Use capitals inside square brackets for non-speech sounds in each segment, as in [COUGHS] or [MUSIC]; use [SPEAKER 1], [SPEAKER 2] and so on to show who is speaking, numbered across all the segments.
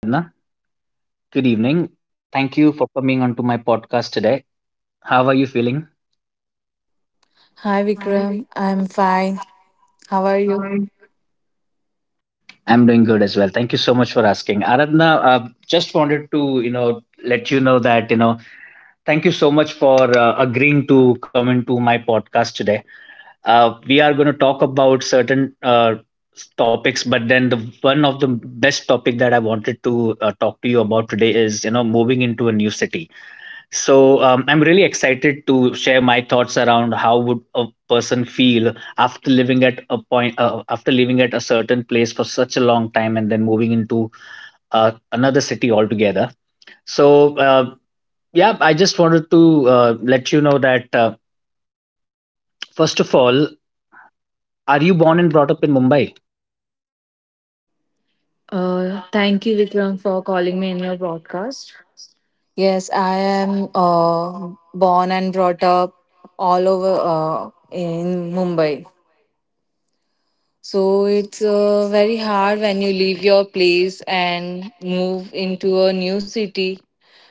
[SPEAKER 1] Hi Aradhna. Good evening. Thank you for coming onto my podcast today. How are you feeling?
[SPEAKER 2] Hi
[SPEAKER 1] I'm
[SPEAKER 2] Vikram, I'm fine. How are you?
[SPEAKER 1] doing good as well. Thank you so much for asking. Aradhna, just wanted to, you know, let you know that, you know, thank you so much for agreeing to come into my podcast today. We are going to talk about certain topics, but then the one of the best topic that I wanted to talk to you about today is, you know, moving into a new city. So I'm really excited to share my thoughts around how would a person feel after living at a point, after living at a certain place for such a long time, and then moving into another city altogether. So yeah, I just wanted to let you know that first of all, are you born and brought up in Mumbai?
[SPEAKER 2] Thank you, Vikram, for calling me in your broadcast. Yes, I am born and brought up all over in Mumbai. So it's very hard when you leave your place and move into a new city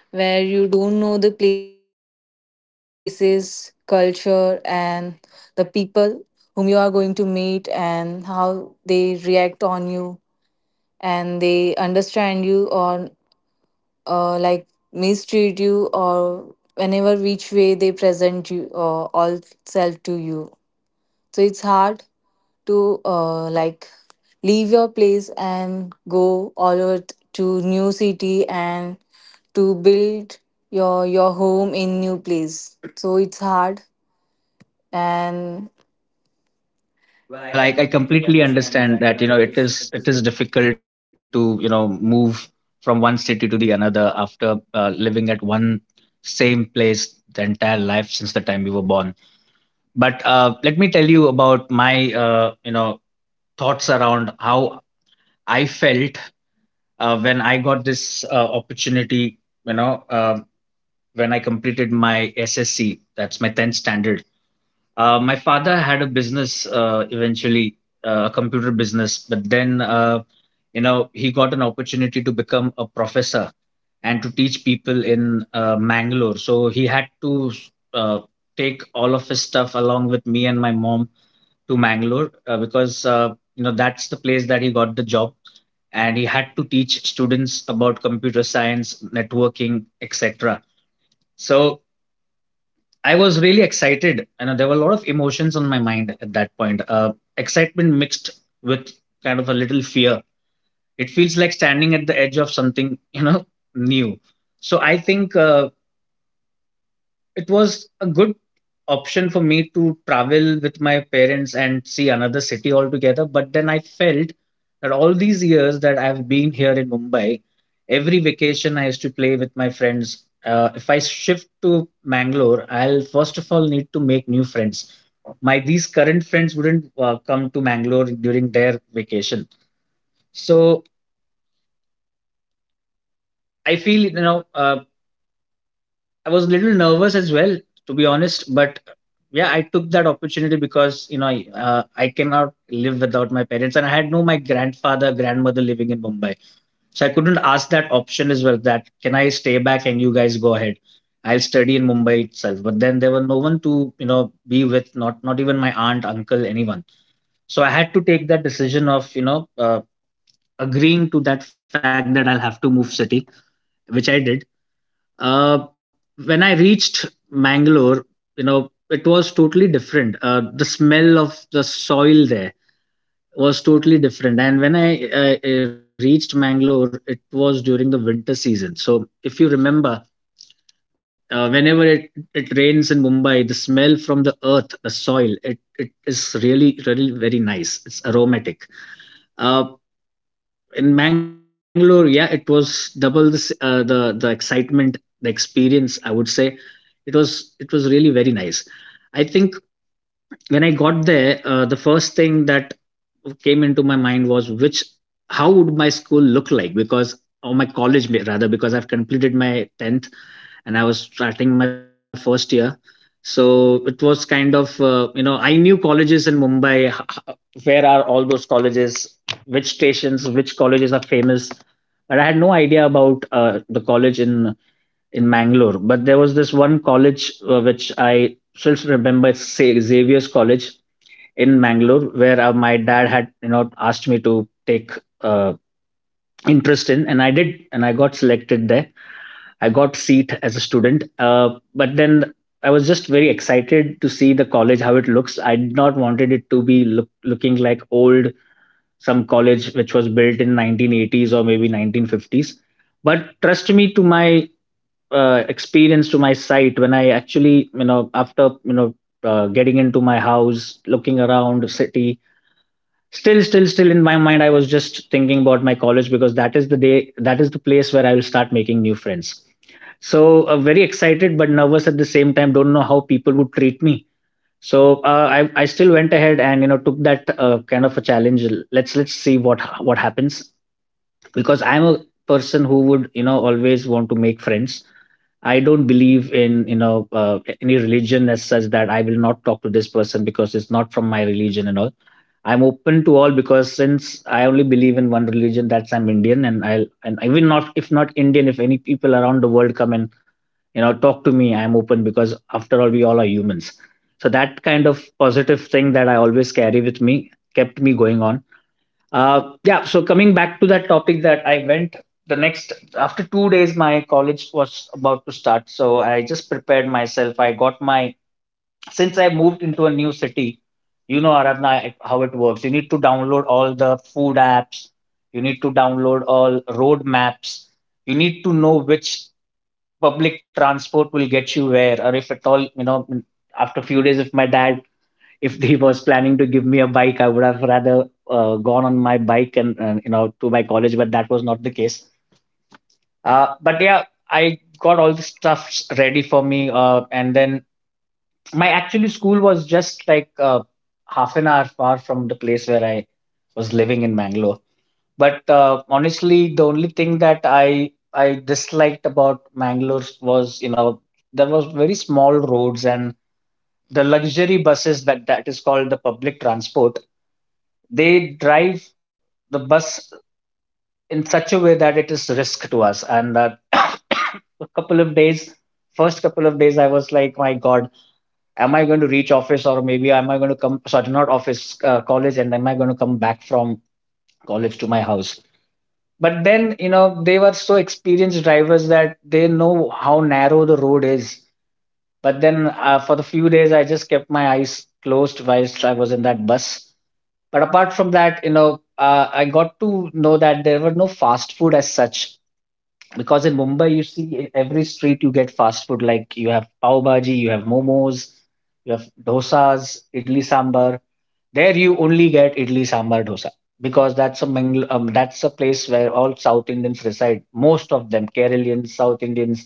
[SPEAKER 2] where you don't know the places, culture, and the people whom you are going to meet and how they react on you. And they understand you or like mistreat you or whenever which way they present you all self to you, so it's hard to like leave your place and go all over to new city and to build your home in new place, so it's hard. And
[SPEAKER 1] Well, I completely understand that you know it is difficult to you know move from one city to the another after living at one same place the entire life since the time we were born. But let me tell you about my you know thoughts around how I felt when I got this opportunity. You know when I completed my SSC, that's my tenth standard. Uh, my father had a business eventually, a computer business, but then, you know, he got an opportunity to become a professor and to teach people in Mangalore. So he had to uh, take all of his stuff along with me and my mom to Mangalore because, you know, that's the place that he got the job. And he had to teach students about computer science, networking, etc. So I was really excited. You know, there were a lot of emotions on my mind at that point. Excitement mixed with kind of a little fear. It feels like standing at the edge of something, you know, new. So I think it was a good option for me to travel with my parents and see another city altogether. But then I felt that all these years that I've been here in Mumbai, every vacation I used to play with my friends. If I shift to Mangalore, I'll first of all need to make new friends. My these current friends wouldn't come to Mangalore during their vacation. So I feel you know I was a little nervous as well, to be honest. But yeah, I took that opportunity because you know I cannot live without my parents, and I had no my grandfather, grandmother living in Mumbai, so I couldn't ask that option as well. That can I stay back and you guys go ahead? I'll study in Mumbai itself. But then there were no one to you know be with, not even my aunt, uncle, anyone. So I had to take that decision of you know agreeing to that fact that I'll have to move city, which I did uh, when I reached Mangalore, you know, it was totally different. The smell of the soil there was totally different. And when I reached Mangalore, it was during the winter season. So if you remember, whenever it rains in Mumbai, the smell from the earth, the soil, it is really, really very nice. It's aromatic. Uh, in Mangalore, yeah, it was double this, the excitement, the experience. I would say it was really very nice. I think when I the first thing that came into my mind was which how would my school look like because or my college rather because I've completed my tenth and I was starting my first year. So it was kind of, you know, I knew colleges in Mumbai. Where are all those colleges? Which stations? Which colleges are famous? But I had no idea about the college in Mangalore. But there was this one college which I still remember, it's Xavier's College in Mangalore, where my dad had, you know, asked me to take uh, interest in, and I did, and I got selected there. I got seat as a student, but then I was just very excited to see the college how it looks. I did not wanted it to be looking like old some college which was built in 1980s or maybe 1950s. But trust me, to my experience, to my sight, when I actually you know after you know getting into my house, looking city. Still in my mind, I was just thinking about my college because that is the day, that is the place where I will start making new friends. So very excited but nervous at the same time. Don't know how people would treat me. So I still went ahead and you know took that kind of a challenge. Let's see what happens because I'm a person who would you know always want to make friends. I don't believe in you know any religion as such that I will not talk to this person because it's not from my religion and all. I'm open to all because since I only believe in one religion, that's I'm Indian, and I'll and even not if not Indian, if any people around the world come and you know talk to me, I'm open because after all we all are humans. So that kind of positive thing that I always carry with me kept me going on. Yeah, so coming back to that topic, that I went the next after 2 days my college was about to start, so I just prepared myself. I got my, since I moved into a new city, you know, Aradhna, how it works, you need to download all the food apps, you need to download all road maps, you need to know which public transport will get you where or if at all, you know, after a few days, if my dad, if he was planning to give me a bike, I would have rather gone on my bike and you know to my college, but that was not the case. But yeah, I got all the stuff ready for me, and then my actually school was just like half an hour far from the place where I was living in Mangalore. But honestly, the only thing that I disliked about Mangalore was, you know, there was very small roads and the luxury buses that is called the public transport. They drive the bus in such a way that it is risk to us. And [COUGHS] a couple of days, first couple of days, I was like, my God, am I going to reach office or maybe am I going to come? Sorry, not office, college, and am I going to come back from college to my house? But then you know they were so experienced drivers that they know how narrow the road is. But then for the few days I just kept my eyes closed whilst I was in that bus. But apart from that, you know, I got to know that there were no fast food as such because in Mumbai you see in every street you get fast food, like you have pav bhaji, you have momos, you have dosas, idli sambar. There you only get idli sambar dosa because that's a that's a place where all South Indians reside. Most of them, Keralians, South Indians,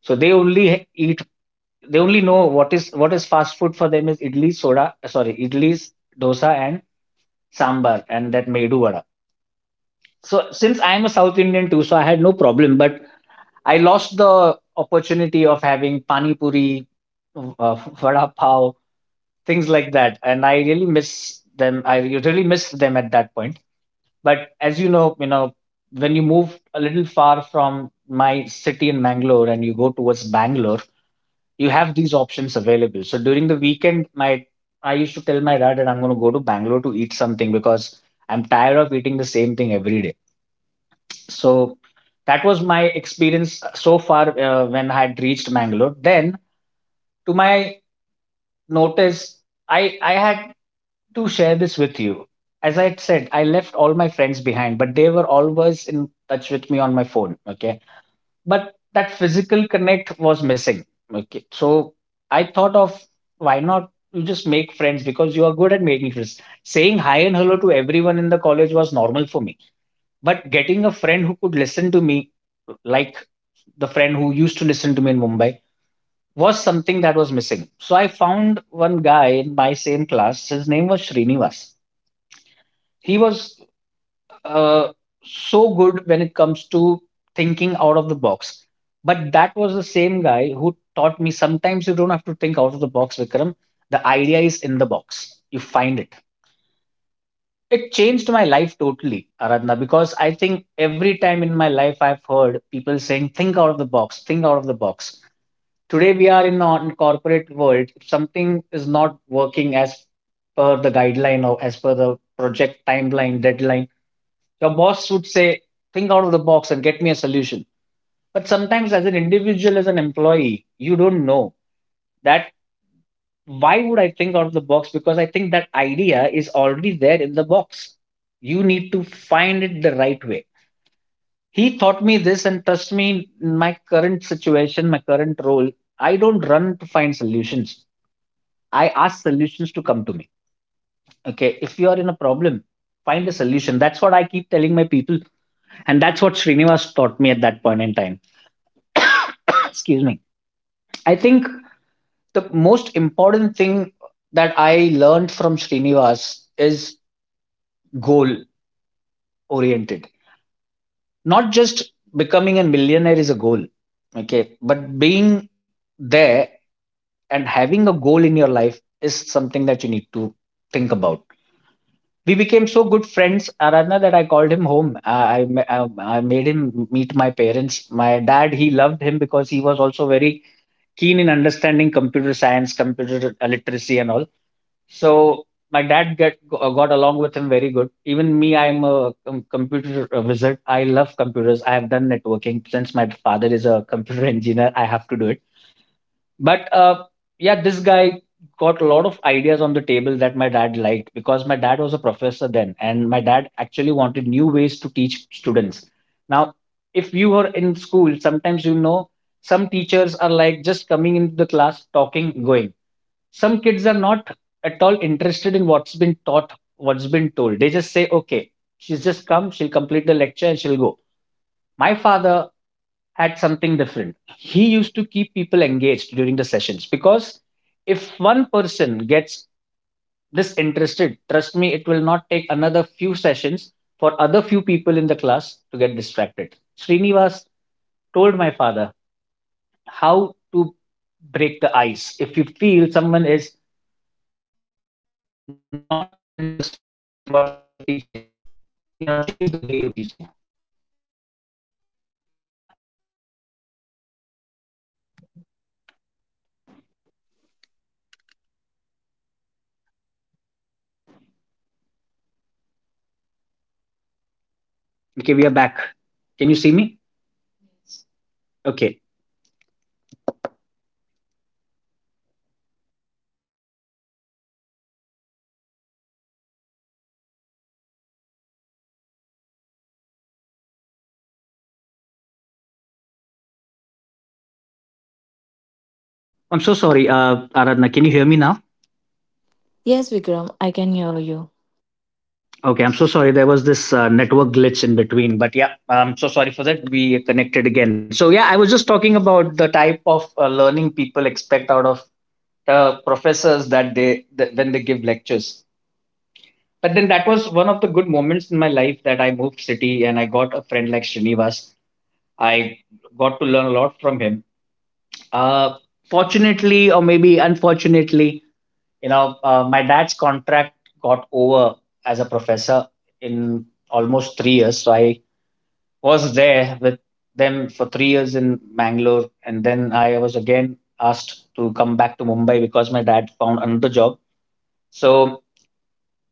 [SPEAKER 1] so they only eat. They only know what is fast food for them is idli soda. Sorry, idlis, dosa and sambar and that medu vada. So since I am a South Indian too, so I had no problem. But I lost the opportunity of having pani puri, vada pav, things like that, and I really miss them. I really missed them at that point. But as you know, when you move a little far from my city in Mangalore and you go towards Bangalore, you have these options available. So during the weekend, my, I used to tell my dad that I'm going to go to Bangalore to eat something because I'm tired of eating the same thing every day. So that was my experience so far when I had reached Mangalore. Then, to my notice, I had to share this with you. As I said, I left all my friends behind, but they were always in touch with me on my phone. Okay. But that physical connect was missing. Okay. So I thought of why not you just make friends because you are good at making friends. Saying hi and hello to everyone in the college was normal for me. But getting a friend who could listen to me, like the friend who used to listen to me in Mumbai, was something that was missing. So I found one guy in my same class. His name was Srinivas. He was uh, so good when it comes to thinking out of the box. But that was the same guy who taught me sometimes you don't have to think out of the box, Vikram. The idea is in the box, you find it. It changed my life totally, Aradhana, because I think every time in my life I've heard people saying, think out of the box, think out of the box. Today we are in a corporate world. If something is not working as per the guideline or as per the project timeline, deadline, your boss would say, think out of the box and get me a solution. But sometimes, as an individual, as an employee, you don't know that why would I think out of the box? Because I think that idea is already there in the box. You need to find it the right way. He taught me this, and trust me, in my current situation, my current role, I don't run to find solutions. I ask solutions to come to me. Okay, if you are in a problem, find a solution. That's what I keep telling my people, and that's what Srinivas taught me at that point in time. Excuse me. I think the most important thing that I learned from Srinivas is goal oriented. Not just becoming a millionaire is a goal, okay, but being there and having a goal in your life is something that you need to think about. We became so good friends, Aradna, that I called him home. I made him meet my parents. My dad, he loved him, because he was also very keen in understanding computer science, computer literacy and all. So my dad get got along with him very good. Even me, I'm a computer wizard. I love computers. I have done networking since my father is a computer [LAUGHS] engineer. I have to do it. But yeah, this guy got a lot of ideas on the table that my dad liked, because my dad was a professor then, and my dad actually wanted new ways to teach students. Now, if you were in school, sometimes you know some teachers are like just coming into the class, talking, going. Some kids are not at all interested in what's been taught, what's been told. They just say okay, she's just come, she'll complete the lecture and she'll go. My father had something different. He used to keep people engaged during the sessions, because if one person gets disinterested, trust me, it will not take another few sessions for other few people in the class to get distracted. Srinivas told my father how to break the ice. If you feel someone is not interested in what you're teaching, you know, change the way you're teaching. Okay, we are back. Can you see me? Okay. I'm so sorry, Aradhana. Can you hear me now?
[SPEAKER 2] yes Vikram, I can hear you.
[SPEAKER 1] Okay, I'm so sorry. There was this network glitch in between, but yeah, I'm so sorry for that. We connected again. So yeah, I was just talking about the type of learning people expect out of professors that they give lectures. But then that was one of the good moments in my life that I moved city and I got a friend like Srinivas. I got to learn a lot from him. Uh, Fortunately, or maybe unfortunately, you know, my dad's contract got over as a professor in almost 3 years. So I was there with them for 3 years in Bangalore, and then I was again asked to come back to Mumbai because my dad found another job. So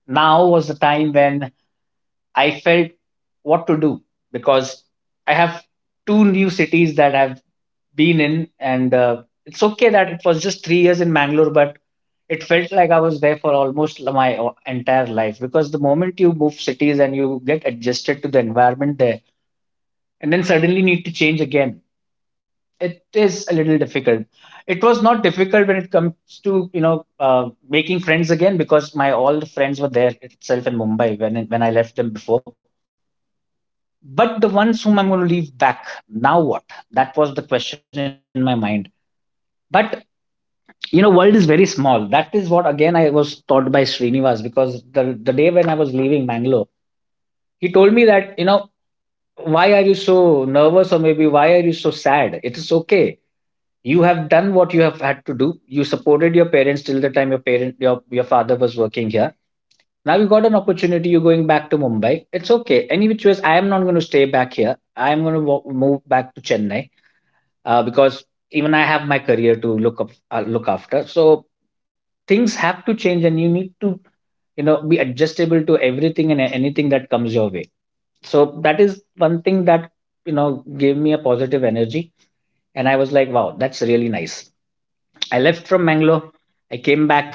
[SPEAKER 1] now was the time when I felt what to do, because I have two new cities that have been in, and it's okay that it was just 3 years in Mangalore, but it felt like I was there for almost my entire life, because the moment you move cities and you get adjusted to the environment there, and then suddenly need to change again, it is a little difficult. It was not difficult when it comes to you know making friends again, because my all the friends were there itself in Mumbai when I left them before. But the ones whom I'm going to leave back now, what? That was the question in my mind. But you know, world is very small. That is what again I was taught by Srinivas, because the day when I was leaving Bangalore, he told me that, you know, why are you so nervous, or maybe why are you so sad? It is okay. You have done what you have had to do. You supported your parents till the time your your father was working here. Now you got an opportunity, you're going back to Mumbai. It's okay. Any which ways, I am not going to stay back here. I am going to move back to Chennai, because even I have my career to look up, look after. So things have to change and you need to, you know, be adjustable to everything and anything that comes your way. So that is one thing that, you know, gave me a positive energy, and I was like, wow, that's really nice. I left from Mangalore, I came back,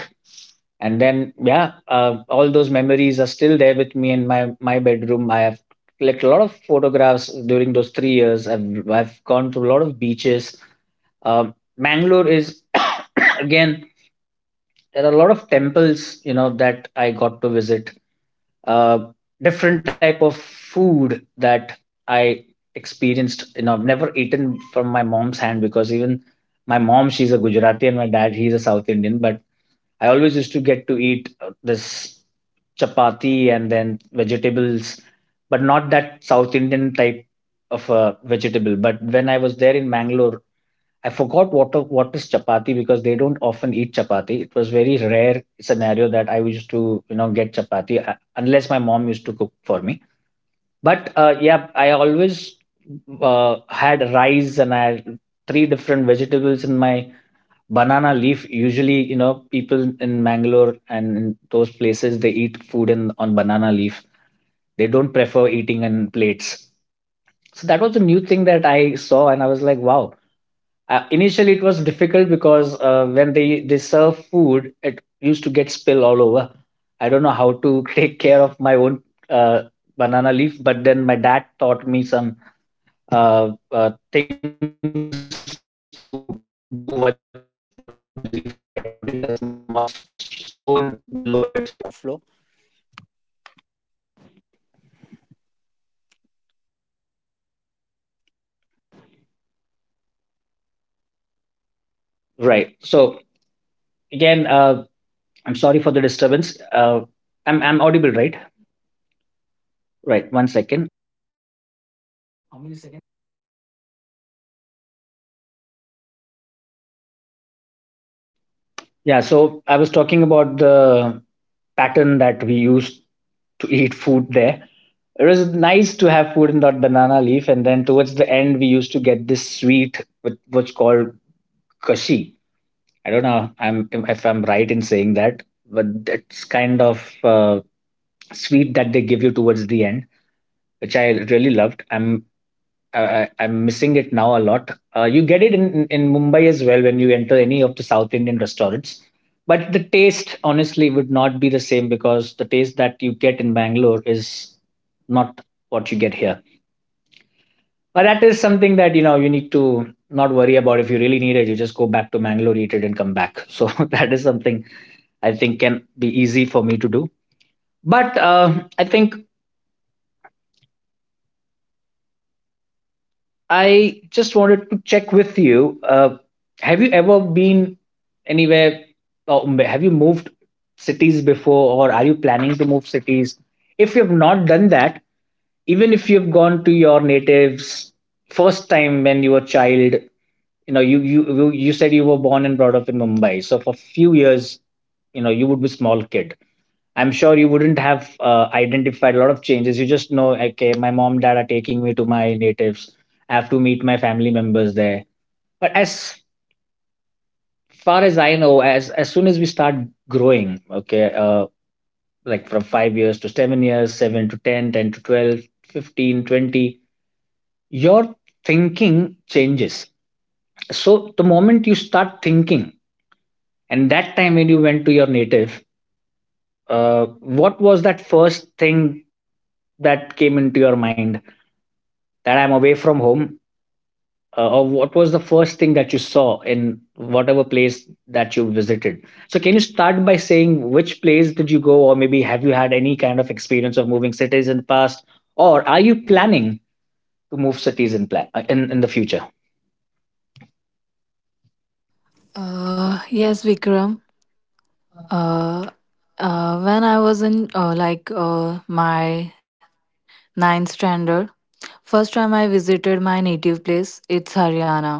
[SPEAKER 1] and then yeah, all those memories are still there with me. In my my bedroom I have like a lot of photographs. During those 3 years, I've gone to a lot of beaches. Mangalore is [COUGHS] again, there are a lot of temples, you know, that I got to visit. uh, Different type of food that I experienced. You know, I've never eaten from my mom's hand, because even my mom, she's a Gujarati, and my dad, he's a South Indian. But I always used to get to eat this chapati and then vegetables, but not that South Indian type of vegetable. But when I was there in Mangalore, I forgot what is chapati, because they don't often eat chapati. It was very rare scenario that I used to, you know, get chapati unless my mom used to cook for me. But yeah, I always had rice and I had three different vegetables in my banana leaf. Usually, you know, people in Mangalore and in those places they eat food in on banana leaf. They don't prefer eating in plates. So that was a new thing that I saw, and I was like, wow. Initially it was difficult, because when they serve food it used to get spill all over. I don't know how to [LAUGHS] take care of my own uh, banana leaf, but then my dad taught me some things to do with with the leaf, by putting a small stone below. Right. So again, I'm sorry for the disturbance. I'm audible, right? Right. One second. Yeah. So I was talking about the pattern that we used to eat food there. It was nice to have food in that banana leaf, and then towards the end, we used to get this sweet with what's called kashi. I don't know. I'm if I'm right in saying that, but it's kind of sweet that they give you towards the end, which I really loved. I'm missing it now a lot. You get it in Mumbai as well, when you enter any of the South Indian restaurants. But the taste, honestly, would not be the same, because the taste that you get in Bangalore is not what you get here. But that is something that, you know, you need to not worry about. If you really need it, you just go back to Bangalore, eat it, and come back. So [LAUGHS] that is something I think can be easy for me to do. But I think I just wanted to check with you. Have you ever been anywhere? Or have you moved cities before, or are you planning to move cities? If you have not done that, even if you have gone to your natives first time when you were a child, you know, you you said you were born and brought up in Mumbai. So for a few years, you know, you would be small kid. I'm sure you wouldn't have identified a lot of changes. You just know, okay, my mom, dad are taking me to my natives. I have to meet my family members there. But as far as I know, as soon as we start growing, okay, like from 5 years to 7 years, 7 to 10, 10 to 12, 15, 20, your thinking changes. So the moment you start thinking, and that time when you went to your native, what was that first thing that came into your mind? That I'm away from home, or what was the first thing that you saw in whatever place that you visited? So, can you start by saying which place did you go, or maybe have you had any kind of experience of moving cities in the past, or are you planning to move cities in plan in the
[SPEAKER 2] Yes Vikram. Uh, when I was in like my ninth standard, first time I visited my native place, it's Haryana.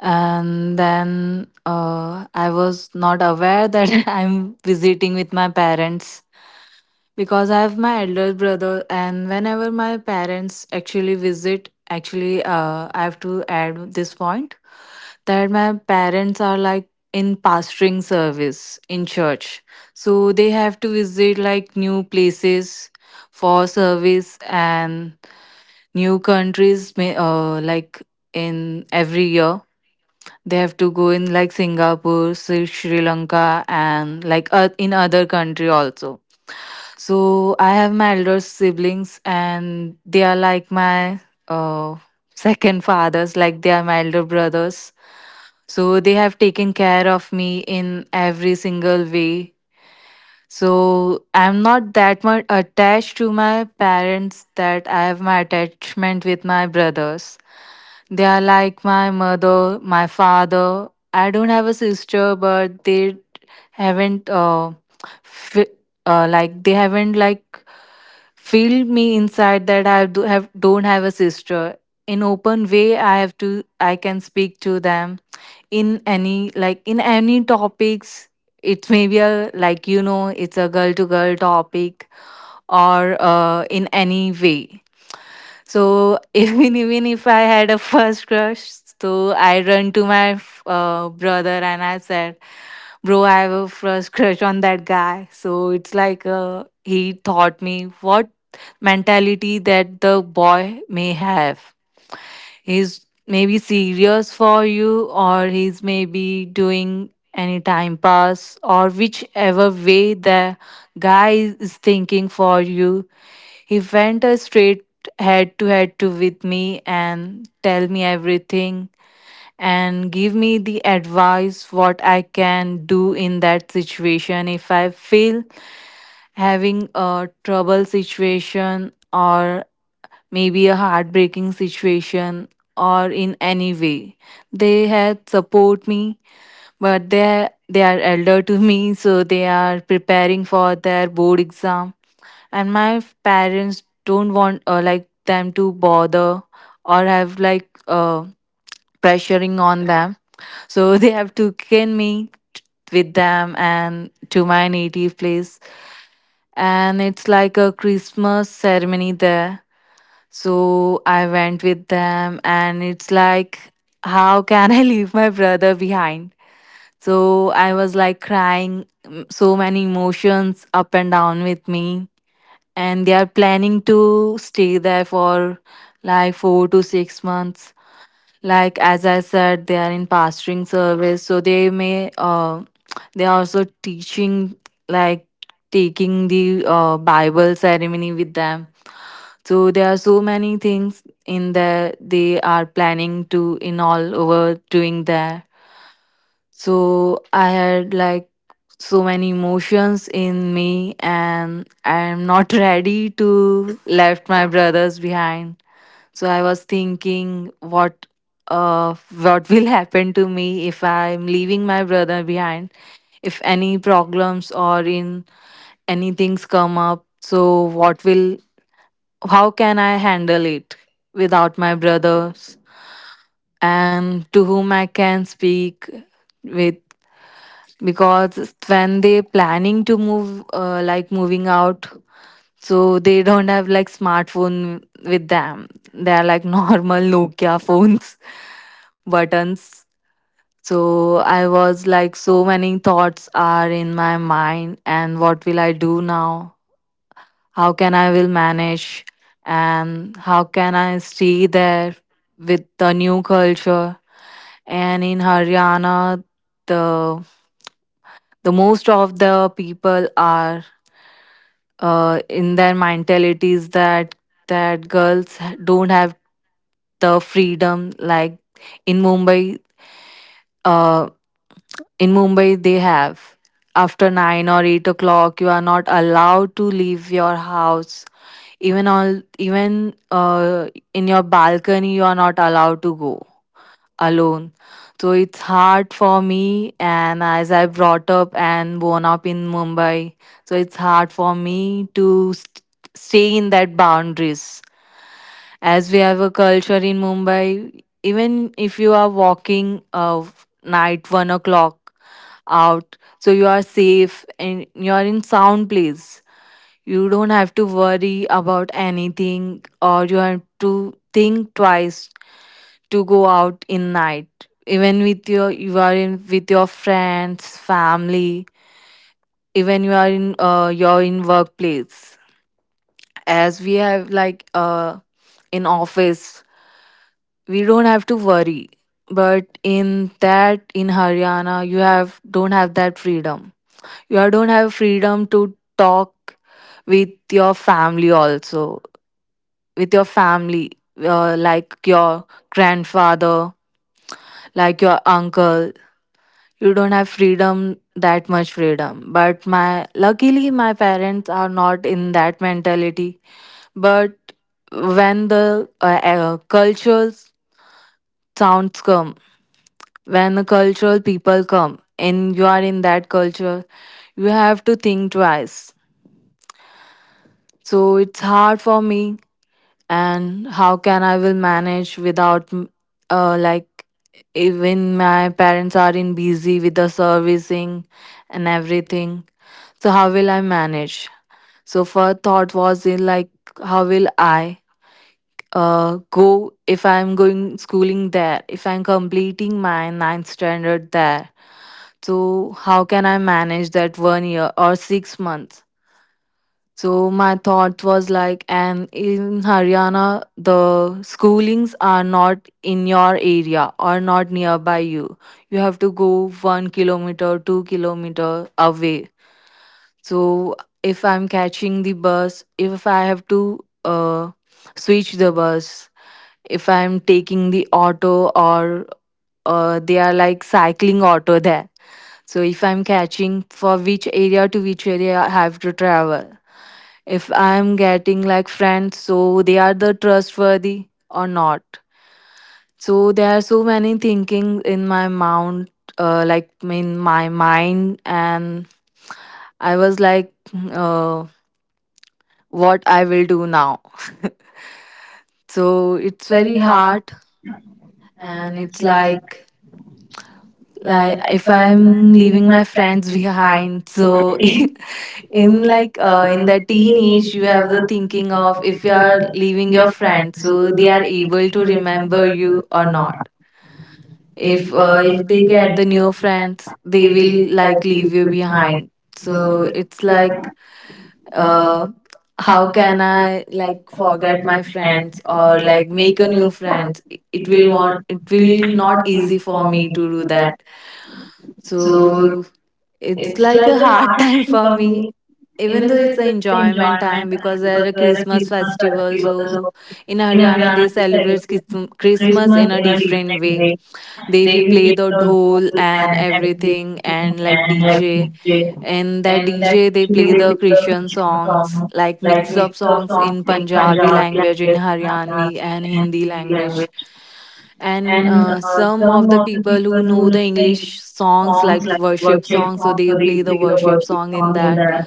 [SPEAKER 2] And then I was not aware that [LAUGHS] I'm visiting with my parents because I have my elder brother, and whenever my parents actually visit, actually, I have to add this point that my parents are like in pastoring service in church. So they have to visit like new places for service and new countries may like in every year they have to go in like Singapore, Sri Lanka, and like in other country also. So I have my elder siblings, and they are like my uh, second fathers. Like they are my elder brothers. So they have taken care of me in every single way. So I'm not that much attached to my parents that I have my attachment with my brothers. They are like my mother, my father. I don't have a sister, but they haven't uh, fi- haven't like filled me inside that I do have don't have a sister. In open way, I can speak to them in any like in any topics. It's maybe a like you know it's a girl to girl topic or in any way, so [LAUGHS] even if I had a first crush, so I run to my brother and I said, "Bro, I have a first crush on that guy." So it's like he taught me what mentality that the boy may have, he's maybe serious for you or he's maybe doing any time pass or whichever way the guy is thinking for you. He went a straight head to head to with me and tell me everything and give me the advice what I can do in that situation if I feel having a trouble situation or maybe a heartbreaking situation or in any way. They had support me, but they are elder to me, so they are preparing for their board exam and my parents don't want like them to bother or have like pressuring on them, so [LAUGHS] they have taken me with them and to my native place, and it's like a Christmas ceremony there. So I went with them, and it's like, how can I [LAUGHS] leave my brother behind? So I was like crying, mm, so many emotions up and down with me. And they are planning to stay there for like 4 to 6 months. Like, as I said, they are in pastoring service, so they may they are also teaching, like taking the Bible ceremony with them. So there are so many things in there they are planning to in all over doing there. So I had like so many emotions in me, and I am not [LAUGHS] ready to left my brothers behind. So I was thinking uh what [LAUGHS] will happen to me if I'm leaving my brother behind, if any problems or in any things come up. So what will, how can I handle it without my brothers, and to whom I can speak with? Because when they planning to move like moving out, so they don't have like smartphone with them. They are like [LAUGHS] normal Nokia phones, buttons. So I was like, so many thoughts are in my mind, and what will I do now? How can I will manage, and how can I stay there with the new culture? And in Haryana, the most of the people are in their mentalities that girls don't have the freedom like in Mumbai. Uh, in Mumbai, they have after 9 or 8 o'clock, you are not allowed to leave your house. Even all even in your balcony, you are not allowed to go alone. So it's hard for me, and as I brought up and born up in Mumbai, so it's hard for me to stay in that boundaries. As we have a culture in Mumbai, even if you are walking night 1 o'clock out, so you are safe and you are in sound place. You don't have to worry about anything, or you have to think twice to go out in night, even with your, you are in with your friends family, even you are in you're in workplace, as we have like in office we don't have to worry. But in that, in Haryana you have don't have that freedom. You are, don't have freedom to talk with your family also, with your family like your grandfather, like your uncle, you don't have freedom, that much freedom. But my luckily my parents are not in that mentality, but when the cultural sounds come, when the cultural people come and you are in that culture, you have to think twice. So it's hard for me, and how can I will manage without mm, like even my parents are in busy with the servicing and everything. So how will I manage? So first thought was in like, how will I go, if I'm going schooling there, if I'm completing my ninth standard there. So how can I manage that 1 year or 6 months? So my thought was like, and in Haryana the schoolings are not in your area or not nearby you. You have to go 1 kilometer, 2 kilometer away. So if I'm catching the bus, if I have to switch the bus, if I'm taking the auto or they are like cycling auto there. So if I'm catching for which area to which area I have to travel. If I'm getting like friends, so they are the trustworthy or not. So there are so many thinking in my mind, and I was like, uh what I will do now. [LAUGHS] So it's very
[SPEAKER 1] future?
[SPEAKER 2] hard, and it's like
[SPEAKER 1] Like if
[SPEAKER 2] if
[SPEAKER 1] I'm
[SPEAKER 2] I'm leaving
[SPEAKER 1] leaving
[SPEAKER 2] my
[SPEAKER 1] my friend
[SPEAKER 2] friends
[SPEAKER 1] behind,
[SPEAKER 2] behind.
[SPEAKER 1] so
[SPEAKER 2] So
[SPEAKER 1] in
[SPEAKER 2] [LAUGHS]
[SPEAKER 1] in
[SPEAKER 2] in
[SPEAKER 1] like
[SPEAKER 2] like
[SPEAKER 1] uh,
[SPEAKER 2] in
[SPEAKER 1] in the
[SPEAKER 2] the
[SPEAKER 1] teenage
[SPEAKER 2] teenage you
[SPEAKER 1] you
[SPEAKER 2] have the
[SPEAKER 1] are thinking
[SPEAKER 2] thinking of
[SPEAKER 1] of if
[SPEAKER 2] if you
[SPEAKER 1] you
[SPEAKER 2] are
[SPEAKER 1] are
[SPEAKER 2] leaving
[SPEAKER 1] leaving
[SPEAKER 2] your
[SPEAKER 1] your friends,
[SPEAKER 2] friends,
[SPEAKER 1] so
[SPEAKER 2] so
[SPEAKER 1] will
[SPEAKER 2] they
[SPEAKER 1] they
[SPEAKER 2] are
[SPEAKER 1] are able
[SPEAKER 2] able to
[SPEAKER 1] to
[SPEAKER 2] remember
[SPEAKER 1] remember you
[SPEAKER 2] you or
[SPEAKER 1] or
[SPEAKER 2] not.
[SPEAKER 1] not? If uh,
[SPEAKER 2] If
[SPEAKER 1] if
[SPEAKER 2] they
[SPEAKER 1] they
[SPEAKER 2] get
[SPEAKER 1] get
[SPEAKER 2] the new
[SPEAKER 1] your
[SPEAKER 2] friends,
[SPEAKER 1] friends,
[SPEAKER 2] they
[SPEAKER 1] they will
[SPEAKER 2] will
[SPEAKER 1] like
[SPEAKER 2] like
[SPEAKER 1] leave
[SPEAKER 2] leave you
[SPEAKER 1] you behind.
[SPEAKER 2] behind.
[SPEAKER 1] So
[SPEAKER 2] So it's
[SPEAKER 1] it's like
[SPEAKER 2] like
[SPEAKER 1] uh,
[SPEAKER 2] uh, how
[SPEAKER 1] how can
[SPEAKER 2] can
[SPEAKER 1] I
[SPEAKER 2] I
[SPEAKER 1] like
[SPEAKER 2] like forget
[SPEAKER 1] forget
[SPEAKER 2] my
[SPEAKER 1] my
[SPEAKER 2] friends
[SPEAKER 1] friends
[SPEAKER 2] or
[SPEAKER 1] or
[SPEAKER 2] like
[SPEAKER 1] like make
[SPEAKER 2] make a
[SPEAKER 1] a
[SPEAKER 2] new
[SPEAKER 1] new friend?
[SPEAKER 2] friend? It
[SPEAKER 1] It
[SPEAKER 2] will
[SPEAKER 1] will
[SPEAKER 2] want,
[SPEAKER 1] not
[SPEAKER 2] it
[SPEAKER 1] it
[SPEAKER 2] will
[SPEAKER 1] will
[SPEAKER 2] not
[SPEAKER 1] not
[SPEAKER 2] easy
[SPEAKER 1] easy
[SPEAKER 2] for
[SPEAKER 1] for me
[SPEAKER 2] me
[SPEAKER 1] to
[SPEAKER 2] to do
[SPEAKER 1] do that.
[SPEAKER 2] that.
[SPEAKER 1] So
[SPEAKER 2] So it's
[SPEAKER 1] it's like
[SPEAKER 2] like a
[SPEAKER 1] a hard
[SPEAKER 2] hard [LAUGHS] time
[SPEAKER 1] time
[SPEAKER 2] for
[SPEAKER 1] for
[SPEAKER 2] me,
[SPEAKER 1] me,
[SPEAKER 2] even
[SPEAKER 1] even
[SPEAKER 2] though
[SPEAKER 1] though
[SPEAKER 2] it's
[SPEAKER 1] it's
[SPEAKER 2] an
[SPEAKER 1] an
[SPEAKER 2] enjoyment
[SPEAKER 1] enjoyment
[SPEAKER 2] time
[SPEAKER 1] time
[SPEAKER 2] because
[SPEAKER 1] because
[SPEAKER 2] there
[SPEAKER 1] we're
[SPEAKER 2] are
[SPEAKER 1] a
[SPEAKER 2] Christmas
[SPEAKER 1] Christmas festival,
[SPEAKER 2] festival.
[SPEAKER 1] so
[SPEAKER 2] So in
[SPEAKER 1] in Haryana
[SPEAKER 2] Haryana, they
[SPEAKER 1] we
[SPEAKER 2] celebrate
[SPEAKER 1] celebrate Christmas
[SPEAKER 2] Christmas in
[SPEAKER 1] in
[SPEAKER 2] a
[SPEAKER 1] a different
[SPEAKER 2] different
[SPEAKER 1] way.
[SPEAKER 2] way.
[SPEAKER 1] They
[SPEAKER 2] They will
[SPEAKER 1] will play
[SPEAKER 2] play the
[SPEAKER 1] the
[SPEAKER 2] dhol
[SPEAKER 1] fool
[SPEAKER 2] and
[SPEAKER 1] and everything
[SPEAKER 2] everything and
[SPEAKER 1] and
[SPEAKER 2] like
[SPEAKER 1] like
[SPEAKER 2] DJ.
[SPEAKER 1] DJ,
[SPEAKER 2] And that
[SPEAKER 1] and then
[SPEAKER 2] DJ, they
[SPEAKER 1] usually they
[SPEAKER 2] play
[SPEAKER 1] play
[SPEAKER 2] the
[SPEAKER 1] the
[SPEAKER 2] Christian
[SPEAKER 1] regional
[SPEAKER 2] songs,
[SPEAKER 1] song,
[SPEAKER 2] like
[SPEAKER 1] like
[SPEAKER 2] mix
[SPEAKER 1] mix
[SPEAKER 2] up
[SPEAKER 1] of
[SPEAKER 2] songs
[SPEAKER 1] songs
[SPEAKER 2] in
[SPEAKER 1] in
[SPEAKER 2] Punjabi
[SPEAKER 1] Punjabi
[SPEAKER 2] language, in
[SPEAKER 1] language,
[SPEAKER 2] Haryanvi
[SPEAKER 1] Haryani
[SPEAKER 2] and
[SPEAKER 1] and
[SPEAKER 2] Hindi
[SPEAKER 1] Hindi
[SPEAKER 2] language.
[SPEAKER 1] language.
[SPEAKER 2] And
[SPEAKER 1] And uh,
[SPEAKER 2] some of
[SPEAKER 1] some
[SPEAKER 2] the
[SPEAKER 1] of the
[SPEAKER 2] people who
[SPEAKER 1] people
[SPEAKER 2] know
[SPEAKER 1] who know
[SPEAKER 2] the
[SPEAKER 1] the
[SPEAKER 2] English
[SPEAKER 1] English
[SPEAKER 2] songs,
[SPEAKER 1] songs,
[SPEAKER 2] like
[SPEAKER 1] like
[SPEAKER 2] worship
[SPEAKER 1] worship
[SPEAKER 2] songs, so
[SPEAKER 1] songs, so
[SPEAKER 2] they
[SPEAKER 1] they
[SPEAKER 2] play the
[SPEAKER 1] play the
[SPEAKER 2] worship
[SPEAKER 1] worship
[SPEAKER 2] song in
[SPEAKER 1] song in
[SPEAKER 2] that.
[SPEAKER 1] that.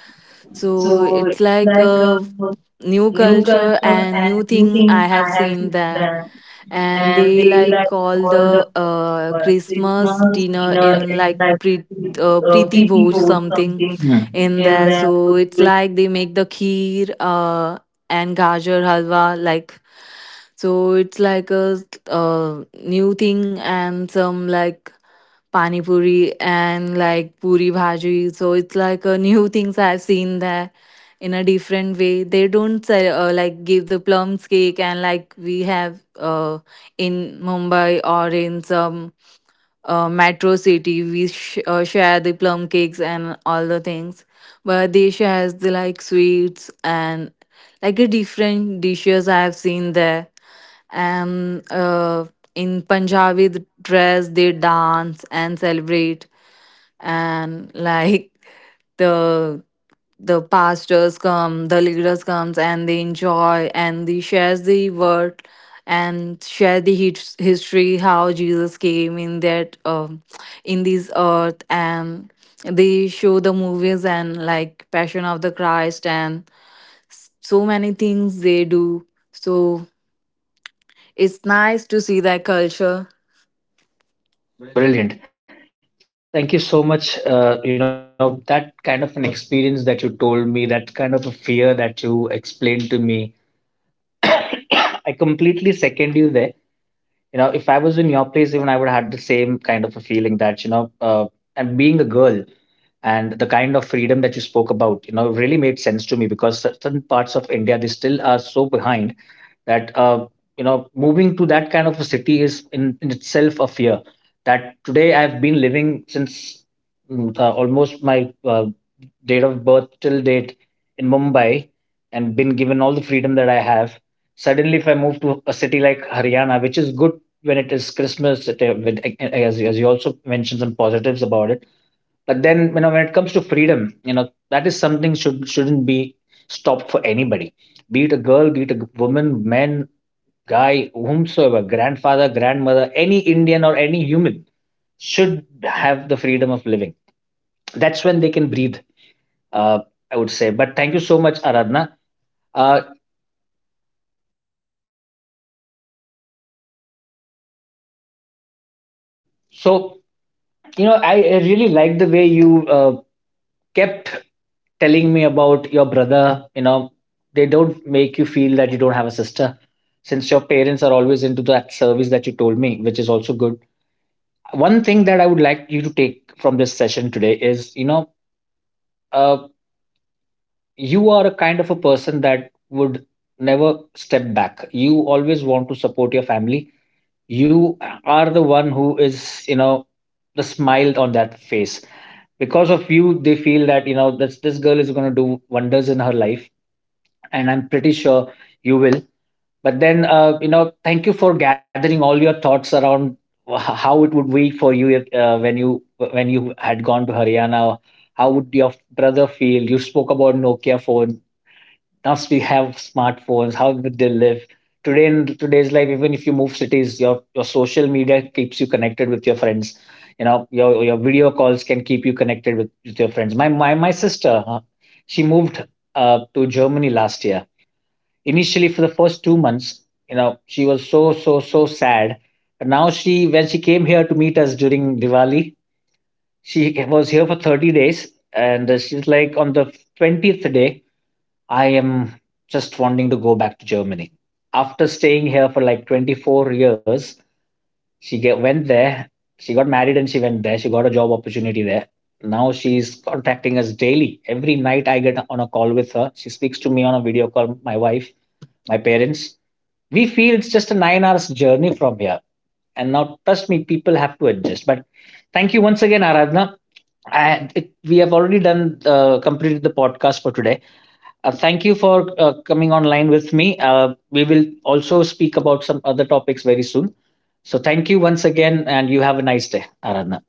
[SPEAKER 2] So
[SPEAKER 1] So
[SPEAKER 2] it's
[SPEAKER 1] it's
[SPEAKER 2] like
[SPEAKER 1] like
[SPEAKER 2] a
[SPEAKER 1] a
[SPEAKER 2] new
[SPEAKER 1] new
[SPEAKER 2] culture
[SPEAKER 1] culture
[SPEAKER 2] and
[SPEAKER 1] and
[SPEAKER 2] new
[SPEAKER 1] new
[SPEAKER 2] thing I
[SPEAKER 1] thing I
[SPEAKER 2] have
[SPEAKER 1] have
[SPEAKER 2] seen
[SPEAKER 1] seen
[SPEAKER 2] there.
[SPEAKER 1] that.
[SPEAKER 2] And
[SPEAKER 1] And
[SPEAKER 2] they
[SPEAKER 1] they
[SPEAKER 2] like
[SPEAKER 1] like
[SPEAKER 2] call
[SPEAKER 1] all the
[SPEAKER 2] the
[SPEAKER 1] uh,
[SPEAKER 2] Christmas
[SPEAKER 1] Christmas
[SPEAKER 2] dinner
[SPEAKER 1] dinner
[SPEAKER 2] in
[SPEAKER 1] in
[SPEAKER 2] like
[SPEAKER 1] like
[SPEAKER 2] pre Priti
[SPEAKER 1] pretty
[SPEAKER 2] Bhoj
[SPEAKER 1] board
[SPEAKER 2] something
[SPEAKER 1] something
[SPEAKER 2] in
[SPEAKER 1] in
[SPEAKER 2] there.
[SPEAKER 1] there. So
[SPEAKER 2] So it's
[SPEAKER 1] it
[SPEAKER 2] like they make the kheer and gajar halwa, like, so it's like a new thing and some like pani puri and like puri bhaji. So it's like a new [LAUGHS] things I've seen there in a different way. They don't say, like give the plums cake and like we have in Mumbai or in some metro city we share the plum cakes and all the things, but they shares the like sweets and like a different dishes I have seen there. And in Punjabi dress they dance and celebrate and like the pastors come, the leaders comes, and they enjoy and they shares the word and share the history how Jesus came in that, um, in this earth. And they show the movies and like Passion of the Christ and so many things they do. So it's nice to see that culture.
[SPEAKER 1] Brilliant. Thank you so much. That kind of an experience that you told me, that kind of a fear that you explained to me, I completely second you there. If I was in your place, even I would have had the same kind of a feeling that, and being a girl, and the kind of freedom that you spoke about really made sense to me because certain parts of India they still are so behind that moving to that kind of a city is in itself a fear that today I've been living since almost my date of birth till date in Mumbai and been given all the freedom that I have. Suddenly if I move to a city like Haryana, which is good when it is Christmas, as you also mentioned some positives about it. But then, when it comes to freedom, that is something shouldn't be stopped for anybody. Be it a girl, be it a woman, man, guy, whomsoever, grandfather, grandmother, any Indian or any human should have the freedom of living. That's when they can breathe. Uh, I would say. But thank you so much, Aradhana. Uh, so, I really like the way you kept telling me about your brother, they don't make you feel that you don't have a sister since your parents are always into that service that you told me, which is also good. One thing that I would like you to take from this session today is, uh, you are a kind of a person that would never step back. You always want to support your family. You are the one who is, the smile on that face because of you they feel that this girl is going to do wonders in her life, and I'm pretty sure you will. But then, thank you for gathering all your thoughts around how it would be for you if, when you had gone to Haryana. How would your brother feel? You spoke about Nokia phone. Now we have smartphones. How would they live? Today in today's life, even if you move cities, your social media keeps you connected with your friends. Your video calls can keep you connected with your friends. My sister, she moved to Germany last year. Initially for the first 2 months she was so sad, but now, she when she came here to meet us during Diwali, she was here for 30 days, and she's like, on the 20th day, I am just wanting to go back to Germany. After staying here for like 24 years, she went there. She got married and she went there. She got a job opportunity there. Now she's contacting us daily. Every night I get on a call with her. She speaks to me on a video call. My wife, my parents, we feel it's just a 9 hours journey from here. And now, trust me, people have to adjust. But thank you once again, Aradhna. We have already done completed the podcast for today. Thank you for coming online with me. We will also speak about some other topics very soon. So thank you once again, and you have a nice day, Aradhna.